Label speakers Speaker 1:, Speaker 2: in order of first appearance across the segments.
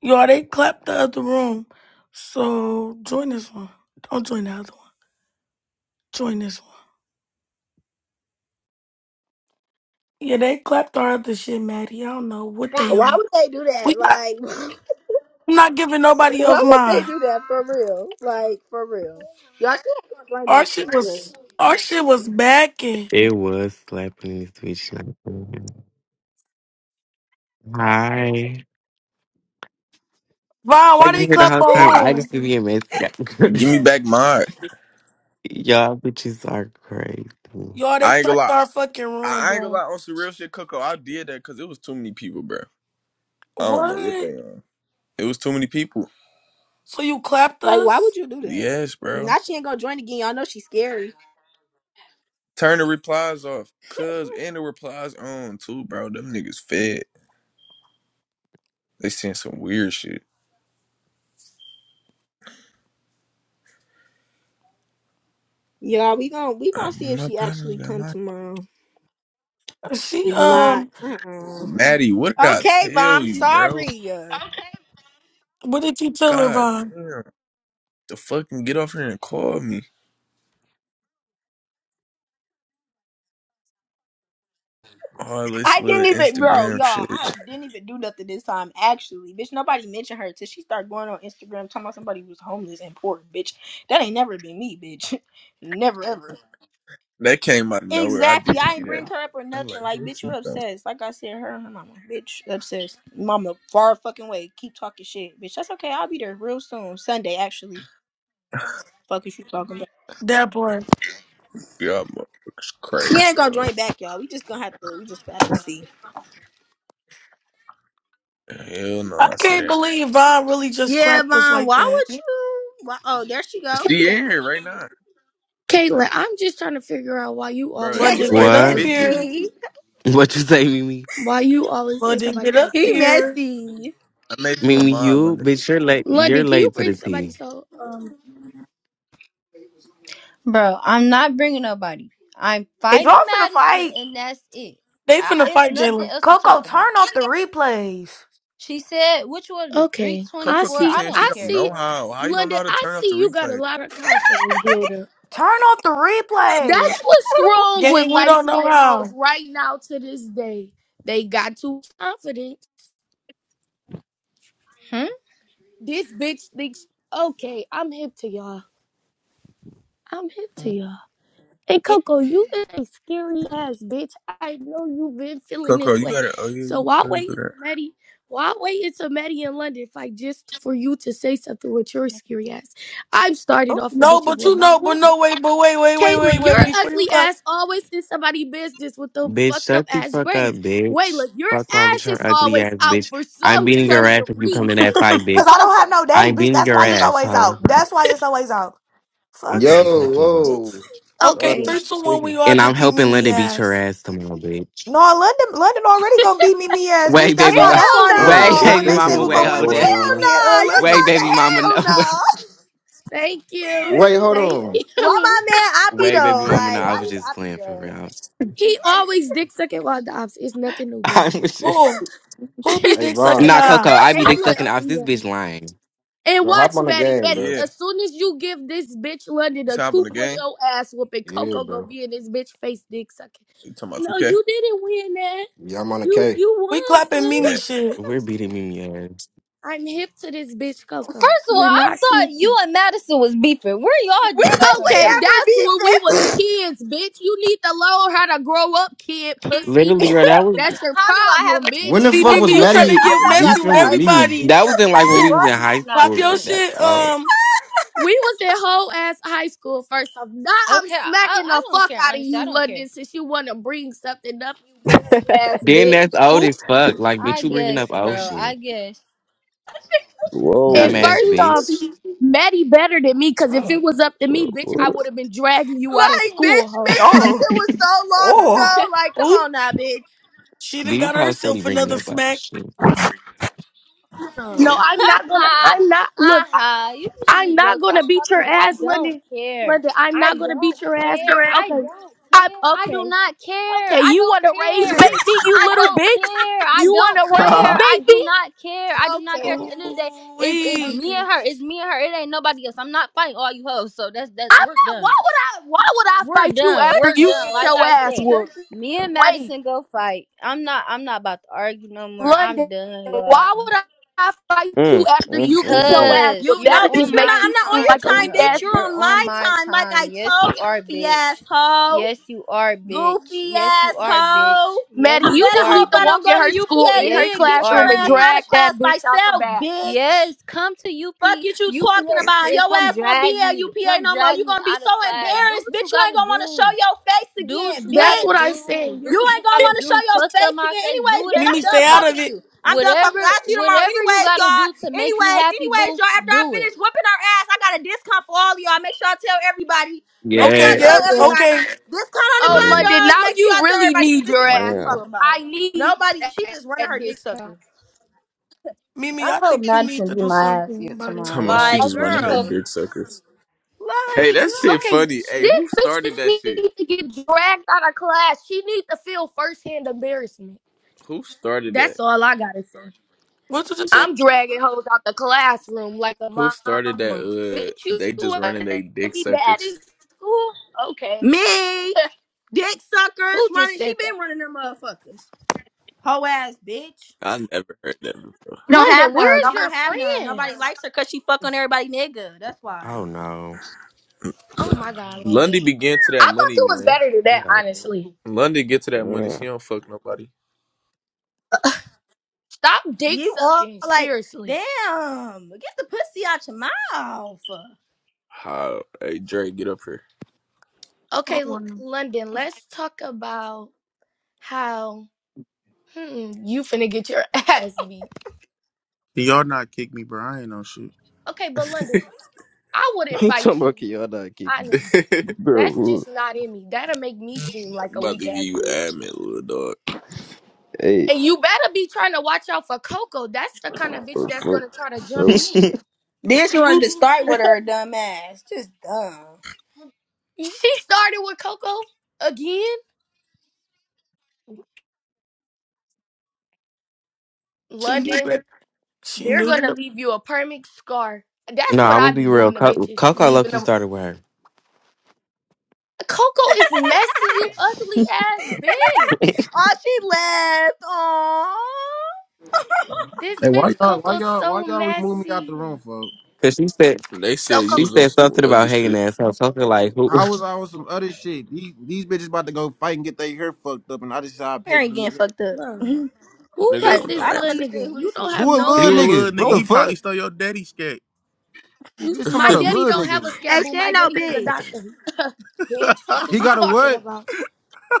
Speaker 1: Y'all, they clapped the other room. So join this one. Don't join the other one. Join this one. Yeah, they clapped our other shit, Maddie. I don't know what they
Speaker 2: Why
Speaker 1: on.
Speaker 2: would they do
Speaker 1: We
Speaker 2: that?
Speaker 1: not,
Speaker 2: Like,
Speaker 1: I'm not giving nobody else
Speaker 2: why would they
Speaker 1: mine.
Speaker 2: do that for real? Like, for real. Y'all, she ain't gonna join
Speaker 1: Our
Speaker 2: back. She's
Speaker 1: shit
Speaker 2: scary.
Speaker 1: was our shit was backing.
Speaker 3: It was slapping in this bitch. like, mm, Hi.
Speaker 1: Vaughn,
Speaker 3: I
Speaker 1: why
Speaker 3: can hear
Speaker 1: they
Speaker 3: the
Speaker 1: clap
Speaker 3: whole time.
Speaker 1: our
Speaker 3: I
Speaker 1: room?
Speaker 3: just be a mess.
Speaker 4: Give me back my.
Speaker 3: Y'all bitches are crazy.
Speaker 1: Y'all, they
Speaker 4: I ain't gonna
Speaker 1: clapped
Speaker 4: lie.
Speaker 1: our fucking room,
Speaker 4: I I ain't gonna
Speaker 1: bro.
Speaker 4: lie on some real shit, Coco. I did that because it was too many people, bro. I don't know what
Speaker 1: What?
Speaker 4: they on. It was too many people.
Speaker 1: So you clapped
Speaker 2: Like, why
Speaker 1: us?
Speaker 2: would you do that?
Speaker 4: Yes,
Speaker 2: Now
Speaker 4: bro.
Speaker 2: she ain't gonna join again. Y'all know she's scary.
Speaker 4: Turn the replies off, cuz, and the replies on too, bro. Them niggas fed. They sent some weird shit.
Speaker 2: Y'all, we gonna we
Speaker 4: Uh,
Speaker 2: gonna see if
Speaker 4: My
Speaker 2: she
Speaker 4: problems
Speaker 2: actually
Speaker 4: got
Speaker 2: come
Speaker 4: my
Speaker 2: tomorrow.
Speaker 1: She
Speaker 2: If not,
Speaker 1: um,
Speaker 4: Maddie. What did
Speaker 2: uh-uh.
Speaker 4: I
Speaker 2: okay,
Speaker 4: tell
Speaker 2: Mom.
Speaker 4: you, bro?
Speaker 2: Sorry, uh,
Speaker 1: what did you tell her,
Speaker 4: God
Speaker 1: Vaughn?
Speaker 4: damn. The fucking get off here and call me. All this
Speaker 2: I
Speaker 4: little
Speaker 2: didn't even, bro,
Speaker 4: Instagram
Speaker 2: y'all.
Speaker 4: shit.
Speaker 2: I didn't even do nothing this time. Actually, bitch, nobody mentioned her till she started going on Instagram talking about somebody who was homeless and poor, bitch. That ain't never been me, bitch. Never ever.
Speaker 4: That came out of nowhere. I
Speaker 2: Exactly.
Speaker 4: did
Speaker 2: I
Speaker 4: see
Speaker 2: ain't bring
Speaker 4: that.
Speaker 2: her up or
Speaker 4: I'm
Speaker 2: nothing. Like, bitch, you
Speaker 4: like,
Speaker 2: obsessed. Like I said, her and her mama. Bitch, obsessed. Mama, far fucking way. Keep talking shit. Bitch, that's okay. I'll be there real soon. Sunday, actually. Fuck is you talking about?
Speaker 1: That part.
Speaker 4: Y'all motherfuckers
Speaker 2: She
Speaker 4: crazy,
Speaker 2: ain't gonna
Speaker 4: dog.
Speaker 2: join back, y'all. We just gonna have to, we just gonna have to see.
Speaker 4: Hell no,
Speaker 1: I
Speaker 4: I said
Speaker 1: can't
Speaker 4: that.
Speaker 1: believe Vaughn really just
Speaker 2: Yeah,
Speaker 1: clapped us
Speaker 2: Von,
Speaker 1: like
Speaker 2: why would
Speaker 1: that.
Speaker 2: you? Why? Oh, there she go.
Speaker 4: She in here right now.
Speaker 5: Caitlin, I'm just trying to figure out why you
Speaker 4: Bro,
Speaker 5: always
Speaker 4: it
Speaker 5: is
Speaker 1: London,
Speaker 4: was
Speaker 2: Jalen
Speaker 1: get
Speaker 5: somebody
Speaker 4: like
Speaker 1: up
Speaker 3: What?
Speaker 5: else's
Speaker 4: 50
Speaker 5: beef.
Speaker 1: here.
Speaker 2: messy.
Speaker 4: people.
Speaker 3: What you say, Mimi?
Speaker 5: Why you always is
Speaker 1: London,
Speaker 5: somebody
Speaker 1: get up
Speaker 5: else's
Speaker 2: He
Speaker 5: beef.
Speaker 1: here.
Speaker 2: messy.
Speaker 4: I made you a
Speaker 3: Mimi,
Speaker 4: mod,
Speaker 3: you
Speaker 4: London.
Speaker 3: bitch, you're late. You're
Speaker 5: London, can you
Speaker 3: late to
Speaker 5: bring
Speaker 3: the
Speaker 5: somebody
Speaker 3: tea.
Speaker 5: so um
Speaker 6: Bro, I'm not bringing nobody. I'm
Speaker 7: If
Speaker 6: fighting
Speaker 7: y'all finna
Speaker 6: Madison,
Speaker 7: fight,
Speaker 6: and that's it.
Speaker 1: They
Speaker 6: I,
Speaker 1: finna
Speaker 6: it's
Speaker 1: fight
Speaker 6: nothing
Speaker 1: Jalen.
Speaker 6: else to
Speaker 7: Coco,
Speaker 6: talk about.
Speaker 7: turn off the replays.
Speaker 6: She said, which one of the
Speaker 5: Okay. I
Speaker 4: Coco
Speaker 6: 324?
Speaker 4: keeps
Speaker 5: see
Speaker 6: I
Speaker 4: saying
Speaker 6: don't
Speaker 4: she
Speaker 5: I
Speaker 4: don't
Speaker 6: care,
Speaker 4: know
Speaker 5: see
Speaker 6: bro.
Speaker 4: how. How you don't know
Speaker 5: London,
Speaker 4: how to
Speaker 5: I
Speaker 4: turn off the
Speaker 5: see you got a
Speaker 4: replay?
Speaker 5: lot of confidence builder.
Speaker 7: Turn off the
Speaker 5: That's
Speaker 7: replays.
Speaker 5: what's wrong with
Speaker 1: Gang, we
Speaker 5: light
Speaker 1: don't know
Speaker 5: skinned hoes
Speaker 1: how.
Speaker 5: right now to this day. They got too confident.
Speaker 6: Hmm?
Speaker 5: This bitch thinks okay, I'm hip to y'all. I'm hip to y'all. And Coco, you is a scary ass bitch. I know you've been feeling
Speaker 4: Coco,
Speaker 5: this
Speaker 4: you
Speaker 5: way.
Speaker 4: gotta, oh yeah,
Speaker 5: So
Speaker 4: you
Speaker 5: why
Speaker 4: could
Speaker 5: wait
Speaker 4: do
Speaker 5: until Maddie? Why wait until Maddie in London fight just for you to say something with your scary ass? I've started
Speaker 7: Oh,
Speaker 5: off with
Speaker 1: No,
Speaker 5: bitches
Speaker 1: but
Speaker 5: one
Speaker 1: you
Speaker 5: by
Speaker 1: know, but
Speaker 5: one.
Speaker 1: no, wait, but wait, wait, wait, wait,
Speaker 5: Caitlin, your
Speaker 1: wait. Before you
Speaker 5: ugly
Speaker 1: clap.
Speaker 5: ass always in somebody' business with them
Speaker 3: Bitch,
Speaker 5: fucked up
Speaker 3: shut the
Speaker 5: ass
Speaker 3: fuck up,
Speaker 5: braids.
Speaker 3: bitch.
Speaker 5: Wayla, your
Speaker 3: Fuck wrong with
Speaker 5: ass is
Speaker 3: your ugly ass,
Speaker 5: always out
Speaker 3: bitch.
Speaker 5: for
Speaker 3: I'm
Speaker 5: some
Speaker 3: beating your
Speaker 5: certain
Speaker 3: ass if you come to that
Speaker 5: reason.
Speaker 4: that.
Speaker 3: fight,
Speaker 7: Cause
Speaker 3: bitch.
Speaker 7: I don't have
Speaker 5: Coco,
Speaker 7: no daddy,
Speaker 3: I'm
Speaker 7: bitch.
Speaker 3: beating
Speaker 7: That's
Speaker 3: your
Speaker 7: why it's
Speaker 3: ass,
Speaker 7: always
Speaker 3: hoe.
Speaker 7: out. That's why it's always out.
Speaker 3: Fuck
Speaker 7: Fuck,
Speaker 3: is you
Speaker 8: Yo,
Speaker 3: talking about?
Speaker 8: whoa.
Speaker 7: bitch.
Speaker 1: Okay,
Speaker 8: Y'all
Speaker 5: okay.
Speaker 1: three,
Speaker 8: niggas
Speaker 1: two, one, we
Speaker 8: tweaking.
Speaker 1: all
Speaker 3: And I'm
Speaker 1: just beat
Speaker 3: helping
Speaker 1: Mimi
Speaker 3: Linda beat your
Speaker 1: ass.
Speaker 3: ass tomorrow, bitch.
Speaker 7: No, London, London already gonna beat me, me ass, bitch.
Speaker 3: Wait,
Speaker 7: That's
Speaker 3: baby,
Speaker 7: why.
Speaker 3: my,
Speaker 7: That's
Speaker 2: Hell
Speaker 7: why I
Speaker 8: I
Speaker 5: Ooh,
Speaker 7: didn't
Speaker 8: don't
Speaker 7: say
Speaker 8: know
Speaker 3: wait,
Speaker 7: shit
Speaker 2: no.
Speaker 8: what
Speaker 7: when
Speaker 3: baby,
Speaker 7: they
Speaker 8: this
Speaker 7: said
Speaker 3: mama,
Speaker 7: who
Speaker 8: nigga
Speaker 3: wait,
Speaker 7: gonna
Speaker 8: got
Speaker 7: win
Speaker 3: hold
Speaker 8: going
Speaker 3: that.
Speaker 7: between me,
Speaker 2: Hell
Speaker 8: on.
Speaker 7: me and uh,
Speaker 2: no. You
Speaker 3: Way,
Speaker 7: London.
Speaker 2: supposed to
Speaker 3: baby mama, no.
Speaker 2: hell
Speaker 3: Way,
Speaker 2: no.
Speaker 5: thank you.
Speaker 8: Wait, hold
Speaker 5: Thank
Speaker 8: on.
Speaker 5: you.
Speaker 2: Why my man Oppie
Speaker 3: way, baby
Speaker 2: though?
Speaker 3: mama, no.
Speaker 2: Like,
Speaker 3: I
Speaker 2: why
Speaker 3: was just
Speaker 2: he Oppie
Speaker 3: playing for
Speaker 2: though?
Speaker 3: real.
Speaker 5: He always dick sucking while Dobbs. It's nothing new, boo.
Speaker 3: I was just
Speaker 1: Who? Who be
Speaker 8: Hey,
Speaker 1: dick sucking
Speaker 8: Vaughn,
Speaker 3: not Coco.
Speaker 1: eye?
Speaker 3: I be dick
Speaker 5: Caitlyn,
Speaker 3: sucking off.
Speaker 5: ugly
Speaker 3: This bitch
Speaker 5: ass.
Speaker 3: lying.
Speaker 5: And
Speaker 8: bro,
Speaker 5: watch
Speaker 8: hop on the
Speaker 5: Maddie,
Speaker 8: game,
Speaker 5: Maddie.
Speaker 8: bro.
Speaker 4: yeah.
Speaker 5: As soon as you give this bitch London
Speaker 4: You
Speaker 5: a
Speaker 4: top on
Speaker 5: 2.0
Speaker 4: the
Speaker 5: point
Speaker 4: game?
Speaker 5: oh ass whooping,
Speaker 8: Yeah,
Speaker 5: Coco gonna
Speaker 8: bro.
Speaker 5: be in this bitch face dick sucking.
Speaker 4: You talking about
Speaker 5: No,
Speaker 4: 2K?
Speaker 5: you didn't win that.
Speaker 8: Yeah, I'm on the
Speaker 5: You
Speaker 8: K.
Speaker 5: you
Speaker 1: We
Speaker 5: won,
Speaker 1: clapping
Speaker 5: sis.
Speaker 1: Mimi
Speaker 4: Bet.
Speaker 1: shit.
Speaker 3: We're beating Mimi ass.
Speaker 5: I'm hip to this bitch,
Speaker 6: First
Speaker 5: Coco.
Speaker 6: of all,
Speaker 5: You're
Speaker 6: I
Speaker 5: not
Speaker 6: thought
Speaker 5: sneaky.
Speaker 6: you and Madison was beefing. Where
Speaker 2: When
Speaker 6: y'all just
Speaker 2: was
Speaker 6: become
Speaker 2: we
Speaker 5: Okay,
Speaker 6: cool?
Speaker 2: ever
Speaker 5: that's when we
Speaker 2: beefing?
Speaker 5: was kids, bitch. You need to learn how to grow up, kid pussy.
Speaker 6: How
Speaker 3: Literally, bro. That was
Speaker 5: That's your
Speaker 6: do I have a
Speaker 5: problem,
Speaker 6: kid
Speaker 8: When the
Speaker 6: pussy?
Speaker 5: bitch.
Speaker 1: See,
Speaker 8: fuck
Speaker 1: Mimi,
Speaker 8: was
Speaker 1: you
Speaker 6: Okay,
Speaker 1: try
Speaker 6: look,
Speaker 8: Maddie
Speaker 1: to
Speaker 6: I'm
Speaker 1: get
Speaker 6: not
Speaker 1: messy
Speaker 6: about to
Speaker 1: with
Speaker 8: beefing with
Speaker 6: argue with
Speaker 8: Mimi?
Speaker 6: the
Speaker 1: everybody.
Speaker 3: that was in
Speaker 6: sisters
Speaker 3: like when
Speaker 6: because
Speaker 3: we
Speaker 6: my
Speaker 3: was in
Speaker 6: sister
Speaker 3: high
Speaker 6: not
Speaker 1: Pop
Speaker 3: school.
Speaker 6: being
Speaker 1: your
Speaker 3: Girl.
Speaker 6: here.
Speaker 3: That's
Speaker 1: shit.
Speaker 3: old.
Speaker 1: Um,
Speaker 5: We was in whole ass high school first off. Now I'm
Speaker 6: Okay, I, I
Speaker 5: smacking
Speaker 6: I
Speaker 5: the
Speaker 6: don't
Speaker 5: fuck
Speaker 6: care.
Speaker 5: out of
Speaker 6: Honestly,
Speaker 5: you,
Speaker 6: I don't care.
Speaker 5: London, since you wanna bring something up, you messy ass
Speaker 3: Then that's
Speaker 5: bitch.
Speaker 3: old
Speaker 1: oop,
Speaker 3: as fuck. Like,
Speaker 6: I
Speaker 3: bitch, you bringing
Speaker 6: guess,
Speaker 3: up old
Speaker 6: bro. I
Speaker 3: shit,
Speaker 6: guess.
Speaker 5: And
Speaker 9: Whoa,
Speaker 8: That
Speaker 3: dumbass
Speaker 5: first
Speaker 8: shit
Speaker 5: off,
Speaker 3: bitch.
Speaker 5: Maddie better than me, cause if it was up to
Speaker 9: bro.
Speaker 5: me, bitch, I
Speaker 9: What?
Speaker 5: would have been dragging you out of
Speaker 2: like,
Speaker 5: school,
Speaker 2: bitch,
Speaker 5: ho.
Speaker 2: bitch, that
Speaker 7: Oh,
Speaker 2: shit was so long
Speaker 7: oh.
Speaker 2: ago. Like, come
Speaker 1: oop.
Speaker 2: on now, bitch.
Speaker 1: She done
Speaker 3: These
Speaker 1: got
Speaker 3: hoes steady
Speaker 1: herself
Speaker 3: bringing
Speaker 1: another
Speaker 3: up old
Speaker 1: smack.
Speaker 3: shit.
Speaker 5: No,
Speaker 2: Uh.
Speaker 5: I'm not gonna I'm not look, I,
Speaker 6: Aha, you bitches
Speaker 5: I'm
Speaker 6: is
Speaker 5: not
Speaker 6: joke.
Speaker 5: gonna
Speaker 6: Stop
Speaker 5: beat
Speaker 6: talking to
Speaker 5: your
Speaker 6: me. I
Speaker 5: ass,
Speaker 6: don't
Speaker 5: London.
Speaker 6: care.
Speaker 5: London, I'm
Speaker 6: I
Speaker 5: not gonna beat
Speaker 6: don't
Speaker 5: your ass.
Speaker 6: care. I
Speaker 5: Okay.
Speaker 6: don't
Speaker 5: I
Speaker 6: care. I do
Speaker 5: okay.
Speaker 6: not care.
Speaker 5: Okay,
Speaker 6: I
Speaker 5: you
Speaker 6: don't
Speaker 5: wanna raise
Speaker 6: care.
Speaker 5: baby, you
Speaker 6: I
Speaker 5: little
Speaker 6: don't care.
Speaker 5: bitch?
Speaker 6: I
Speaker 5: You
Speaker 6: don't
Speaker 5: wanna raise
Speaker 6: care.
Speaker 8: funny.
Speaker 6: I do
Speaker 5: baby?
Speaker 6: not care. I do not care.
Speaker 5: Okay.
Speaker 6: At the end of the day,
Speaker 1: Ooh,
Speaker 6: it's it's
Speaker 1: wee.
Speaker 6: me
Speaker 5: Okay.
Speaker 6: and her. It's me and her. It ain't nobody else. I'm not fighting all you hoes. So that's that's
Speaker 5: I'm
Speaker 6: we're
Speaker 5: not. Why
Speaker 6: done.
Speaker 5: would I? Why would I
Speaker 6: We're
Speaker 5: fight you
Speaker 6: done.
Speaker 5: after
Speaker 6: We're
Speaker 5: you
Speaker 6: done.
Speaker 5: get
Speaker 6: Like
Speaker 5: your
Speaker 6: I
Speaker 5: ass
Speaker 6: said.
Speaker 2: Cookie.
Speaker 5: whooped?
Speaker 6: Me and
Speaker 5: Wait,
Speaker 6: Madison go fight. I'm not I'm not about to argue no more. I'm
Speaker 5: London.
Speaker 6: done,
Speaker 5: Why
Speaker 6: y'all.
Speaker 5: would I? I fight you
Speaker 9: Mm,
Speaker 5: after
Speaker 9: mm,
Speaker 5: you get your
Speaker 9: mm, mm.
Speaker 5: ass
Speaker 6: Because
Speaker 5: whooped.
Speaker 2: You
Speaker 6: you're
Speaker 5: That'll
Speaker 2: know,
Speaker 5: just
Speaker 2: bitch,
Speaker 6: on
Speaker 2: you're
Speaker 5: make
Speaker 2: not.
Speaker 6: my
Speaker 5: me
Speaker 2: I'm not on
Speaker 5: seem
Speaker 6: time,
Speaker 5: like
Speaker 2: your
Speaker 5: a
Speaker 2: time,
Speaker 5: weak ass
Speaker 2: bitch.
Speaker 6: sweetheart.
Speaker 2: You're
Speaker 6: You're
Speaker 5: bitch.
Speaker 2: on
Speaker 6: on
Speaker 2: my
Speaker 6: my
Speaker 2: time. Like I
Speaker 6: time. Yes,
Speaker 2: told
Speaker 6: you are,
Speaker 2: goofy
Speaker 6: bitch.
Speaker 2: asshole,
Speaker 6: Yes, you are, bitch.
Speaker 2: goofy
Speaker 6: Yes, you are, bitch.
Speaker 2: asshole.
Speaker 6: Yes,
Speaker 5: Maddie,
Speaker 2: You
Speaker 5: you
Speaker 6: you
Speaker 2: better
Speaker 5: just
Speaker 6: are,
Speaker 2: hope
Speaker 5: need to
Speaker 2: I don't
Speaker 5: walk
Speaker 6: bitch.
Speaker 5: in
Speaker 2: go to
Speaker 5: her school, in
Speaker 6: Yes,
Speaker 5: her
Speaker 2: UPAD and
Speaker 6: you
Speaker 2: get your
Speaker 6: are,
Speaker 5: classroom, and
Speaker 2: ass out
Speaker 5: drag
Speaker 2: of
Speaker 6: bitch.
Speaker 2: class
Speaker 5: that bitch out the
Speaker 2: myself,
Speaker 5: bathroom.
Speaker 2: bitch.
Speaker 6: Yes, come to UP
Speaker 2: Fuck it you talking
Speaker 6: UPLD
Speaker 2: about.
Speaker 6: and
Speaker 2: Your
Speaker 6: come
Speaker 2: ass won't be
Speaker 6: drag
Speaker 2: at
Speaker 6: me.
Speaker 2: UPA
Speaker 6: Come
Speaker 2: no more.
Speaker 6: drag
Speaker 2: You
Speaker 6: me
Speaker 2: gonna be
Speaker 6: out of
Speaker 2: so
Speaker 6: class. Do
Speaker 2: embarrassed,
Speaker 6: what you
Speaker 2: bitch. You ain't
Speaker 6: gotta
Speaker 2: gonna wanna show
Speaker 6: do.
Speaker 2: your face
Speaker 6: Do what
Speaker 2: again,
Speaker 6: you
Speaker 5: That's
Speaker 6: gotta
Speaker 5: what I'm
Speaker 2: bitch.
Speaker 6: do.
Speaker 5: saying.
Speaker 6: Do
Speaker 5: You're,
Speaker 2: You
Speaker 6: what you
Speaker 2: ain't gonna
Speaker 6: gotta
Speaker 2: wanna show
Speaker 6: do.
Speaker 2: your
Speaker 6: Fuck up
Speaker 2: face
Speaker 6: my
Speaker 2: again.
Speaker 6: face. Do
Speaker 2: Anyways, bitch,
Speaker 6: whatever
Speaker 2: I'm
Speaker 1: Mimi,
Speaker 6: you
Speaker 2: done
Speaker 1: stay
Speaker 6: gotta do.
Speaker 1: out
Speaker 2: talking
Speaker 1: of
Speaker 2: to
Speaker 1: it.
Speaker 2: you. I'm done talking. to you.
Speaker 6: Whatever
Speaker 2: I'll see you tomorrow.
Speaker 6: whatever you
Speaker 2: Anyways,
Speaker 6: gotta
Speaker 2: y'all.
Speaker 6: do to make you
Speaker 2: Anyways,
Speaker 6: happy,
Speaker 2: anyways,
Speaker 6: boo,
Speaker 2: y'all. After I
Speaker 6: do it.
Speaker 2: finish whooping her ass, I got a discount for all of y'all. Make sure I tell everybody. Make sure
Speaker 1: Okay,
Speaker 2: I
Speaker 3: Yeah.
Speaker 2: tell
Speaker 5: oh,
Speaker 1: yep.
Speaker 5: yes.
Speaker 2: everybody.
Speaker 1: Okay.
Speaker 2: Discount on the
Speaker 5: Oh,
Speaker 3: Yeah.
Speaker 5: London,
Speaker 2: bundles.
Speaker 5: now
Speaker 2: Make sure
Speaker 5: you
Speaker 2: y'all tell
Speaker 5: really
Speaker 2: everybody since
Speaker 5: need
Speaker 2: this
Speaker 5: your
Speaker 2: bitch wanna
Speaker 5: ass
Speaker 2: keep
Speaker 9: Yeah,
Speaker 2: talking
Speaker 5: whooped.
Speaker 2: about.
Speaker 5: I need
Speaker 2: Nobody, she just running
Speaker 5: that
Speaker 2: her dick
Speaker 5: discount.
Speaker 2: sucker.
Speaker 1: Mimi,
Speaker 6: I
Speaker 1: I
Speaker 6: hope
Speaker 1: think you need
Speaker 6: Madison
Speaker 1: to
Speaker 6: be
Speaker 1: do
Speaker 6: my ass
Speaker 1: something
Speaker 6: here
Speaker 1: about it.
Speaker 6: tomorrow,
Speaker 4: Talking about
Speaker 6: y'all.
Speaker 4: she
Speaker 6: I
Speaker 2: Like,
Speaker 4: just
Speaker 6: really
Speaker 4: running her
Speaker 6: hope.
Speaker 2: girl.
Speaker 4: dick suckers. Hey,
Speaker 2: Like,
Speaker 4: that
Speaker 2: girl.
Speaker 4: shit
Speaker 5: Okay,
Speaker 4: funny.
Speaker 5: this
Speaker 4: Hey, who
Speaker 5: bitch
Speaker 4: started
Speaker 5: just
Speaker 4: that shit?
Speaker 5: needs to get dragged out of class. She needs to feel firsthand embarrassment.
Speaker 4: Who started that?
Speaker 5: That's all I gotta say.
Speaker 1: What did you say?
Speaker 5: I'm dragging hoes out the classroom like a
Speaker 4: Who started that?
Speaker 5: mama.
Speaker 4: Uh,
Speaker 5: Bitch, you
Speaker 4: they just
Speaker 5: want
Speaker 4: running they
Speaker 5: to
Speaker 4: dick
Speaker 5: be bad
Speaker 4: suckers.
Speaker 5: in school? Okay.
Speaker 2: Me, dick suckers,
Speaker 5: Who just
Speaker 2: running. She
Speaker 5: said that?
Speaker 2: been running them motherfuckers. Ho ass bitch.
Speaker 4: I never heard that before.
Speaker 3: No.
Speaker 5: London, where's
Speaker 2: She
Speaker 5: your
Speaker 2: don't have none. Nobody
Speaker 5: friends?
Speaker 2: likes her cause she fuck on everybody nigga. That's why.
Speaker 3: Oh no.
Speaker 5: Oh my god, London.
Speaker 4: Lundy be getting to
Speaker 5: I
Speaker 4: that
Speaker 5: thought
Speaker 4: money,
Speaker 5: you was
Speaker 4: man.
Speaker 5: better than
Speaker 3: You
Speaker 5: that,
Speaker 3: got it.
Speaker 5: honestly.
Speaker 4: Lundy get to that money. She
Speaker 9: yeah.
Speaker 4: don't fuck nobody.
Speaker 5: Stop dick
Speaker 2: You all
Speaker 5: sucking,
Speaker 2: like,
Speaker 5: seriously.
Speaker 2: damn, get the pussy out your mouth.
Speaker 4: How? Hey, Dre, get up here.
Speaker 1: Oh,
Speaker 5: Okay, L-
Speaker 1: wow.
Speaker 5: London, let's talk about how Mm-mm, you finna get your ass beat.
Speaker 10: Y'all not kick me, bro. I ain't no shit.
Speaker 5: Okay, but London, I wouldn't
Speaker 9: Talking
Speaker 5: fight
Speaker 9: about
Speaker 5: you,
Speaker 9: Kiana, kick,
Speaker 4: I'm
Speaker 5: honestly.
Speaker 9: bro.
Speaker 5: That's
Speaker 9: What?
Speaker 5: just not in me. That'll make me seem like a
Speaker 4: about to
Speaker 5: weak
Speaker 4: give
Speaker 5: ass
Speaker 4: you
Speaker 5: bitch.
Speaker 4: admin, little dog.
Speaker 9: Hey,
Speaker 5: And you better be trying to watch out for Coco. That's the kind of bitch
Speaker 9: bro,
Speaker 5: that's
Speaker 9: fuck,
Speaker 5: gonna try to
Speaker 9: bro.
Speaker 5: jump in.
Speaker 2: Then she wanted to start with her dumb ass. Just dumb.
Speaker 5: She started with Coco again.
Speaker 1: she knew
Speaker 5: London,
Speaker 1: that. She
Speaker 5: they're
Speaker 1: knew
Speaker 5: gonna
Speaker 1: that.
Speaker 5: leave you a permanent scar. That's
Speaker 3: No,
Speaker 5: what
Speaker 3: I'm gonna
Speaker 5: I
Speaker 3: be
Speaker 5: be
Speaker 3: real.
Speaker 5: doing to
Speaker 3: Co-
Speaker 5: bitches,
Speaker 3: Coco
Speaker 5: leaving
Speaker 3: Loki
Speaker 5: them.
Speaker 3: started with her.
Speaker 5: Coco is messy, you ugly ass bitch.
Speaker 2: Oh, she left.
Speaker 5: This
Speaker 11: Hey, why
Speaker 5: bitch
Speaker 11: y'all, why
Speaker 5: Coco's
Speaker 11: y'all, why
Speaker 5: so
Speaker 11: y'all remove me out the
Speaker 5: messy.
Speaker 11: room, folks?
Speaker 3: Cause she said
Speaker 4: They
Speaker 5: So
Speaker 4: said you
Speaker 3: She
Speaker 5: Coco,
Speaker 4: was on
Speaker 3: said
Speaker 4: some
Speaker 3: something
Speaker 4: other
Speaker 3: about hating
Speaker 4: shit.
Speaker 3: ass. So something like, "Who?
Speaker 11: I was on some other shit. These, these bitches about to go fight and get their hair fucked up, and I decided I'd
Speaker 2: Aww.
Speaker 11: pay for
Speaker 2: Ain't
Speaker 11: the new
Speaker 2: getting
Speaker 11: hair.
Speaker 2: fucked up.
Speaker 5: bro, who
Speaker 4: Nigga, I
Speaker 2: like,
Speaker 5: is
Speaker 4: don't know.
Speaker 5: this
Speaker 2: I don't
Speaker 4: Ask
Speaker 5: little
Speaker 2: understand
Speaker 5: nigga?
Speaker 2: who
Speaker 5: You
Speaker 2: this
Speaker 5: don't
Speaker 2: is.
Speaker 5: have
Speaker 11: Who a
Speaker 5: no
Speaker 11: little
Speaker 10: You a
Speaker 5: money.
Speaker 10: little
Speaker 11: nigga? What
Speaker 10: nigga.
Speaker 2: Oh,
Speaker 11: the
Speaker 10: He probably
Speaker 11: fuck?
Speaker 10: stole your daddy's skate.
Speaker 5: You,
Speaker 11: Bitch, talking
Speaker 5: my
Speaker 11: about
Speaker 4: them.
Speaker 11: a
Speaker 5: daddy
Speaker 11: little
Speaker 5: don't have a
Speaker 11: nigga.
Speaker 5: scat
Speaker 2: and
Speaker 5: boo.
Speaker 2: she
Speaker 5: My
Speaker 2: ain't no
Speaker 5: daddy is a
Speaker 2: bitch.
Speaker 5: doctor. bitch, fuck
Speaker 11: He
Speaker 5: is you
Speaker 11: got a
Speaker 5: talking
Speaker 11: what?
Speaker 5: about?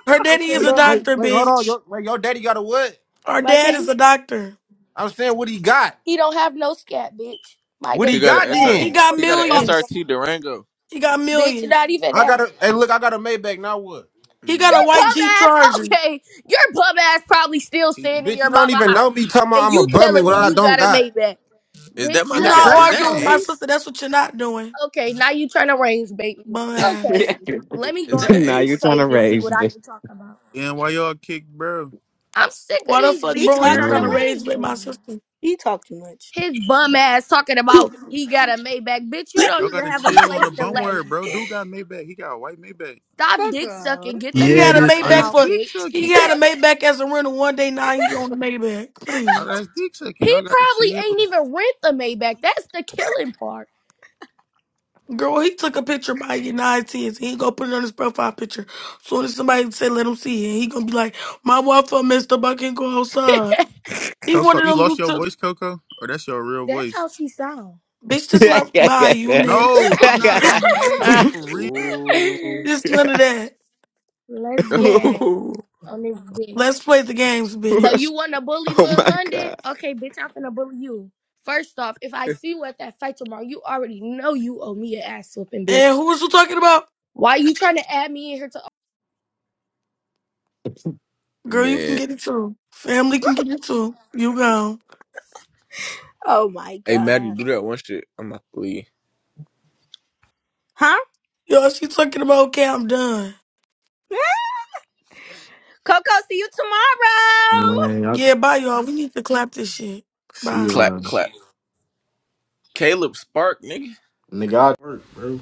Speaker 1: Her
Speaker 5: With
Speaker 1: daddy
Speaker 5: your
Speaker 1: is
Speaker 11: Wait,
Speaker 1: a
Speaker 5: bum
Speaker 11: wait,
Speaker 5: ass.
Speaker 1: doctor,
Speaker 11: wait, hold on.
Speaker 1: bitch.
Speaker 11: Your, wait, your daddy got a what?
Speaker 1: Her
Speaker 5: My
Speaker 1: dad is
Speaker 5: daddy,
Speaker 1: a doctor.
Speaker 11: I'm saying what he got.
Speaker 5: he don't have no scat, bitch. My
Speaker 11: What
Speaker 4: he
Speaker 11: he
Speaker 5: daddy is
Speaker 4: got
Speaker 5: a
Speaker 4: an
Speaker 11: got
Speaker 5: bad
Speaker 4: SR.
Speaker 1: He
Speaker 11: then?
Speaker 5: bitch.
Speaker 1: got
Speaker 5: What
Speaker 4: He
Speaker 5: are you
Speaker 4: got an
Speaker 5: talking
Speaker 1: millions.
Speaker 5: about?
Speaker 4: SRT Durango.
Speaker 1: He got
Speaker 5: Bitch,
Speaker 1: millions.
Speaker 5: not even
Speaker 11: I
Speaker 5: that.
Speaker 11: got a,
Speaker 5: Your
Speaker 11: hey, look, I got a Maybach, now what?
Speaker 1: He got a
Speaker 4: Mm.
Speaker 1: white
Speaker 5: bum
Speaker 1: Jeep
Speaker 5: ass,
Speaker 1: Charger.
Speaker 5: okay. Your bum ass probably still
Speaker 10: He-
Speaker 5: staying in
Speaker 11: Bitch, you
Speaker 5: your
Speaker 11: don't
Speaker 5: mama
Speaker 11: even know
Speaker 5: house.
Speaker 11: me talking about
Speaker 5: And
Speaker 11: I'm a
Speaker 5: you
Speaker 11: bum and
Speaker 5: telling
Speaker 11: what
Speaker 5: me
Speaker 11: I
Speaker 5: you
Speaker 11: don't
Speaker 5: got a
Speaker 11: got.
Speaker 5: Maybach.
Speaker 4: Is
Speaker 5: Bitch,
Speaker 4: that my
Speaker 1: You
Speaker 11: It's
Speaker 5: shut
Speaker 4: nigga?
Speaker 1: not
Speaker 5: up.
Speaker 11: facts,
Speaker 4: Is that
Speaker 1: arguing with
Speaker 11: though.
Speaker 1: my
Speaker 4: Ace?
Speaker 1: sister. That's what you're not doing,
Speaker 5: Okay, now you trying to range bait me.
Speaker 1: bum
Speaker 5: Okay,
Speaker 1: ass.
Speaker 5: let me go
Speaker 4: Is
Speaker 5: on
Speaker 4: that
Speaker 5: this
Speaker 3: now
Speaker 5: bitch
Speaker 3: you
Speaker 4: Ace?
Speaker 3: trying
Speaker 5: page
Speaker 3: to
Speaker 5: and see
Speaker 3: rage,
Speaker 5: what I
Speaker 3: bitch."
Speaker 5: can talk about.
Speaker 10: and why y'all kick, bro?
Speaker 5: I'm sick of
Speaker 1: Why the
Speaker 5: these
Speaker 1: fuck,
Speaker 2: He
Speaker 1: bro,
Speaker 5: bitches
Speaker 1: here
Speaker 2: talk
Speaker 5: trying
Speaker 2: too
Speaker 1: trying
Speaker 5: to
Speaker 1: to
Speaker 8: Yo,
Speaker 2: much.
Speaker 1: raise
Speaker 5: range
Speaker 1: with
Speaker 5: bait
Speaker 1: my
Speaker 5: me.
Speaker 1: sister?
Speaker 2: He talk too much.
Speaker 5: His bum ass talking about he got a Maybach. Bitch, you don't
Speaker 10: Y'all got
Speaker 5: even
Speaker 10: to
Speaker 5: have a
Speaker 10: chill on the
Speaker 5: place to
Speaker 10: bum
Speaker 5: lay.
Speaker 10: word, bro. Dude got Maybach. He got a white Maybach.
Speaker 5: Stop
Speaker 2: Fuck
Speaker 5: dick
Speaker 2: off.
Speaker 5: sucking. Get the
Speaker 1: He
Speaker 12: Yeah,
Speaker 5: dick
Speaker 1: had a
Speaker 12: this
Speaker 5: out your
Speaker 10: How
Speaker 1: Maybach
Speaker 12: Ace.
Speaker 10: that's
Speaker 5: mouth,
Speaker 1: for.
Speaker 10: dick
Speaker 5: bitch.
Speaker 1: He
Speaker 10: sucking?
Speaker 1: had a Maybach as a rental one day. Now he on a Maybach. Please.
Speaker 10: How that's dick sucking?
Speaker 5: He
Speaker 10: Y'all got to
Speaker 5: probably
Speaker 10: chill.
Speaker 5: ain't even rent the Maybach. That's the killing part.
Speaker 1: Girl, he took a picture by your nine tens. He ain't gonna put it on his profile picture. Soon as somebody say let him see it, he gonna be like, "My wife missed up. I can't go outside." He
Speaker 10: Coco,
Speaker 1: wanted
Speaker 10: you
Speaker 1: them
Speaker 10: lost
Speaker 1: to,
Speaker 10: your
Speaker 1: took-
Speaker 10: voice, Coco? Or that's your real
Speaker 5: That's
Speaker 10: voice?
Speaker 5: how she sound.
Speaker 1: bitch. This my buy you next.
Speaker 10: No, I'm
Speaker 1: You
Speaker 10: not. I'm
Speaker 1: fucking.
Speaker 10: asking for real.
Speaker 4: Ooh.
Speaker 1: This none of that.
Speaker 5: Let's get on this bitch.
Speaker 1: Let's play the games,
Speaker 5: So
Speaker 1: bitch.
Speaker 5: you wanna bully
Speaker 3: oh
Speaker 5: Lil
Speaker 3: my god.
Speaker 5: London? Okay, bitch, I'm finna bully you. First off, if I see you at that fight tomorrow, you already know you owe me an ass whooping, bitch.
Speaker 1: And who was you talking about?
Speaker 5: Why you trying to add me in here to
Speaker 1: Girl, you can
Speaker 4: Man.
Speaker 1: get it too. Family can get it too. You gone.
Speaker 2: Oh my
Speaker 4: Hey, Maddie,
Speaker 2: god.
Speaker 4: do that one shit. I'm not leave.
Speaker 2: Huh?
Speaker 1: Yo, she talking about. Okay, I'm done.
Speaker 2: Coco, see you tomorrow.
Speaker 8: man, I
Speaker 1: Yeah, bye, y'all. We need to clap this shit.
Speaker 8: see
Speaker 1: Bye.
Speaker 8: you
Speaker 4: Clap,
Speaker 8: on.
Speaker 4: clap. Caleb Spark, nigga.
Speaker 8: Nigga, I Work, bro.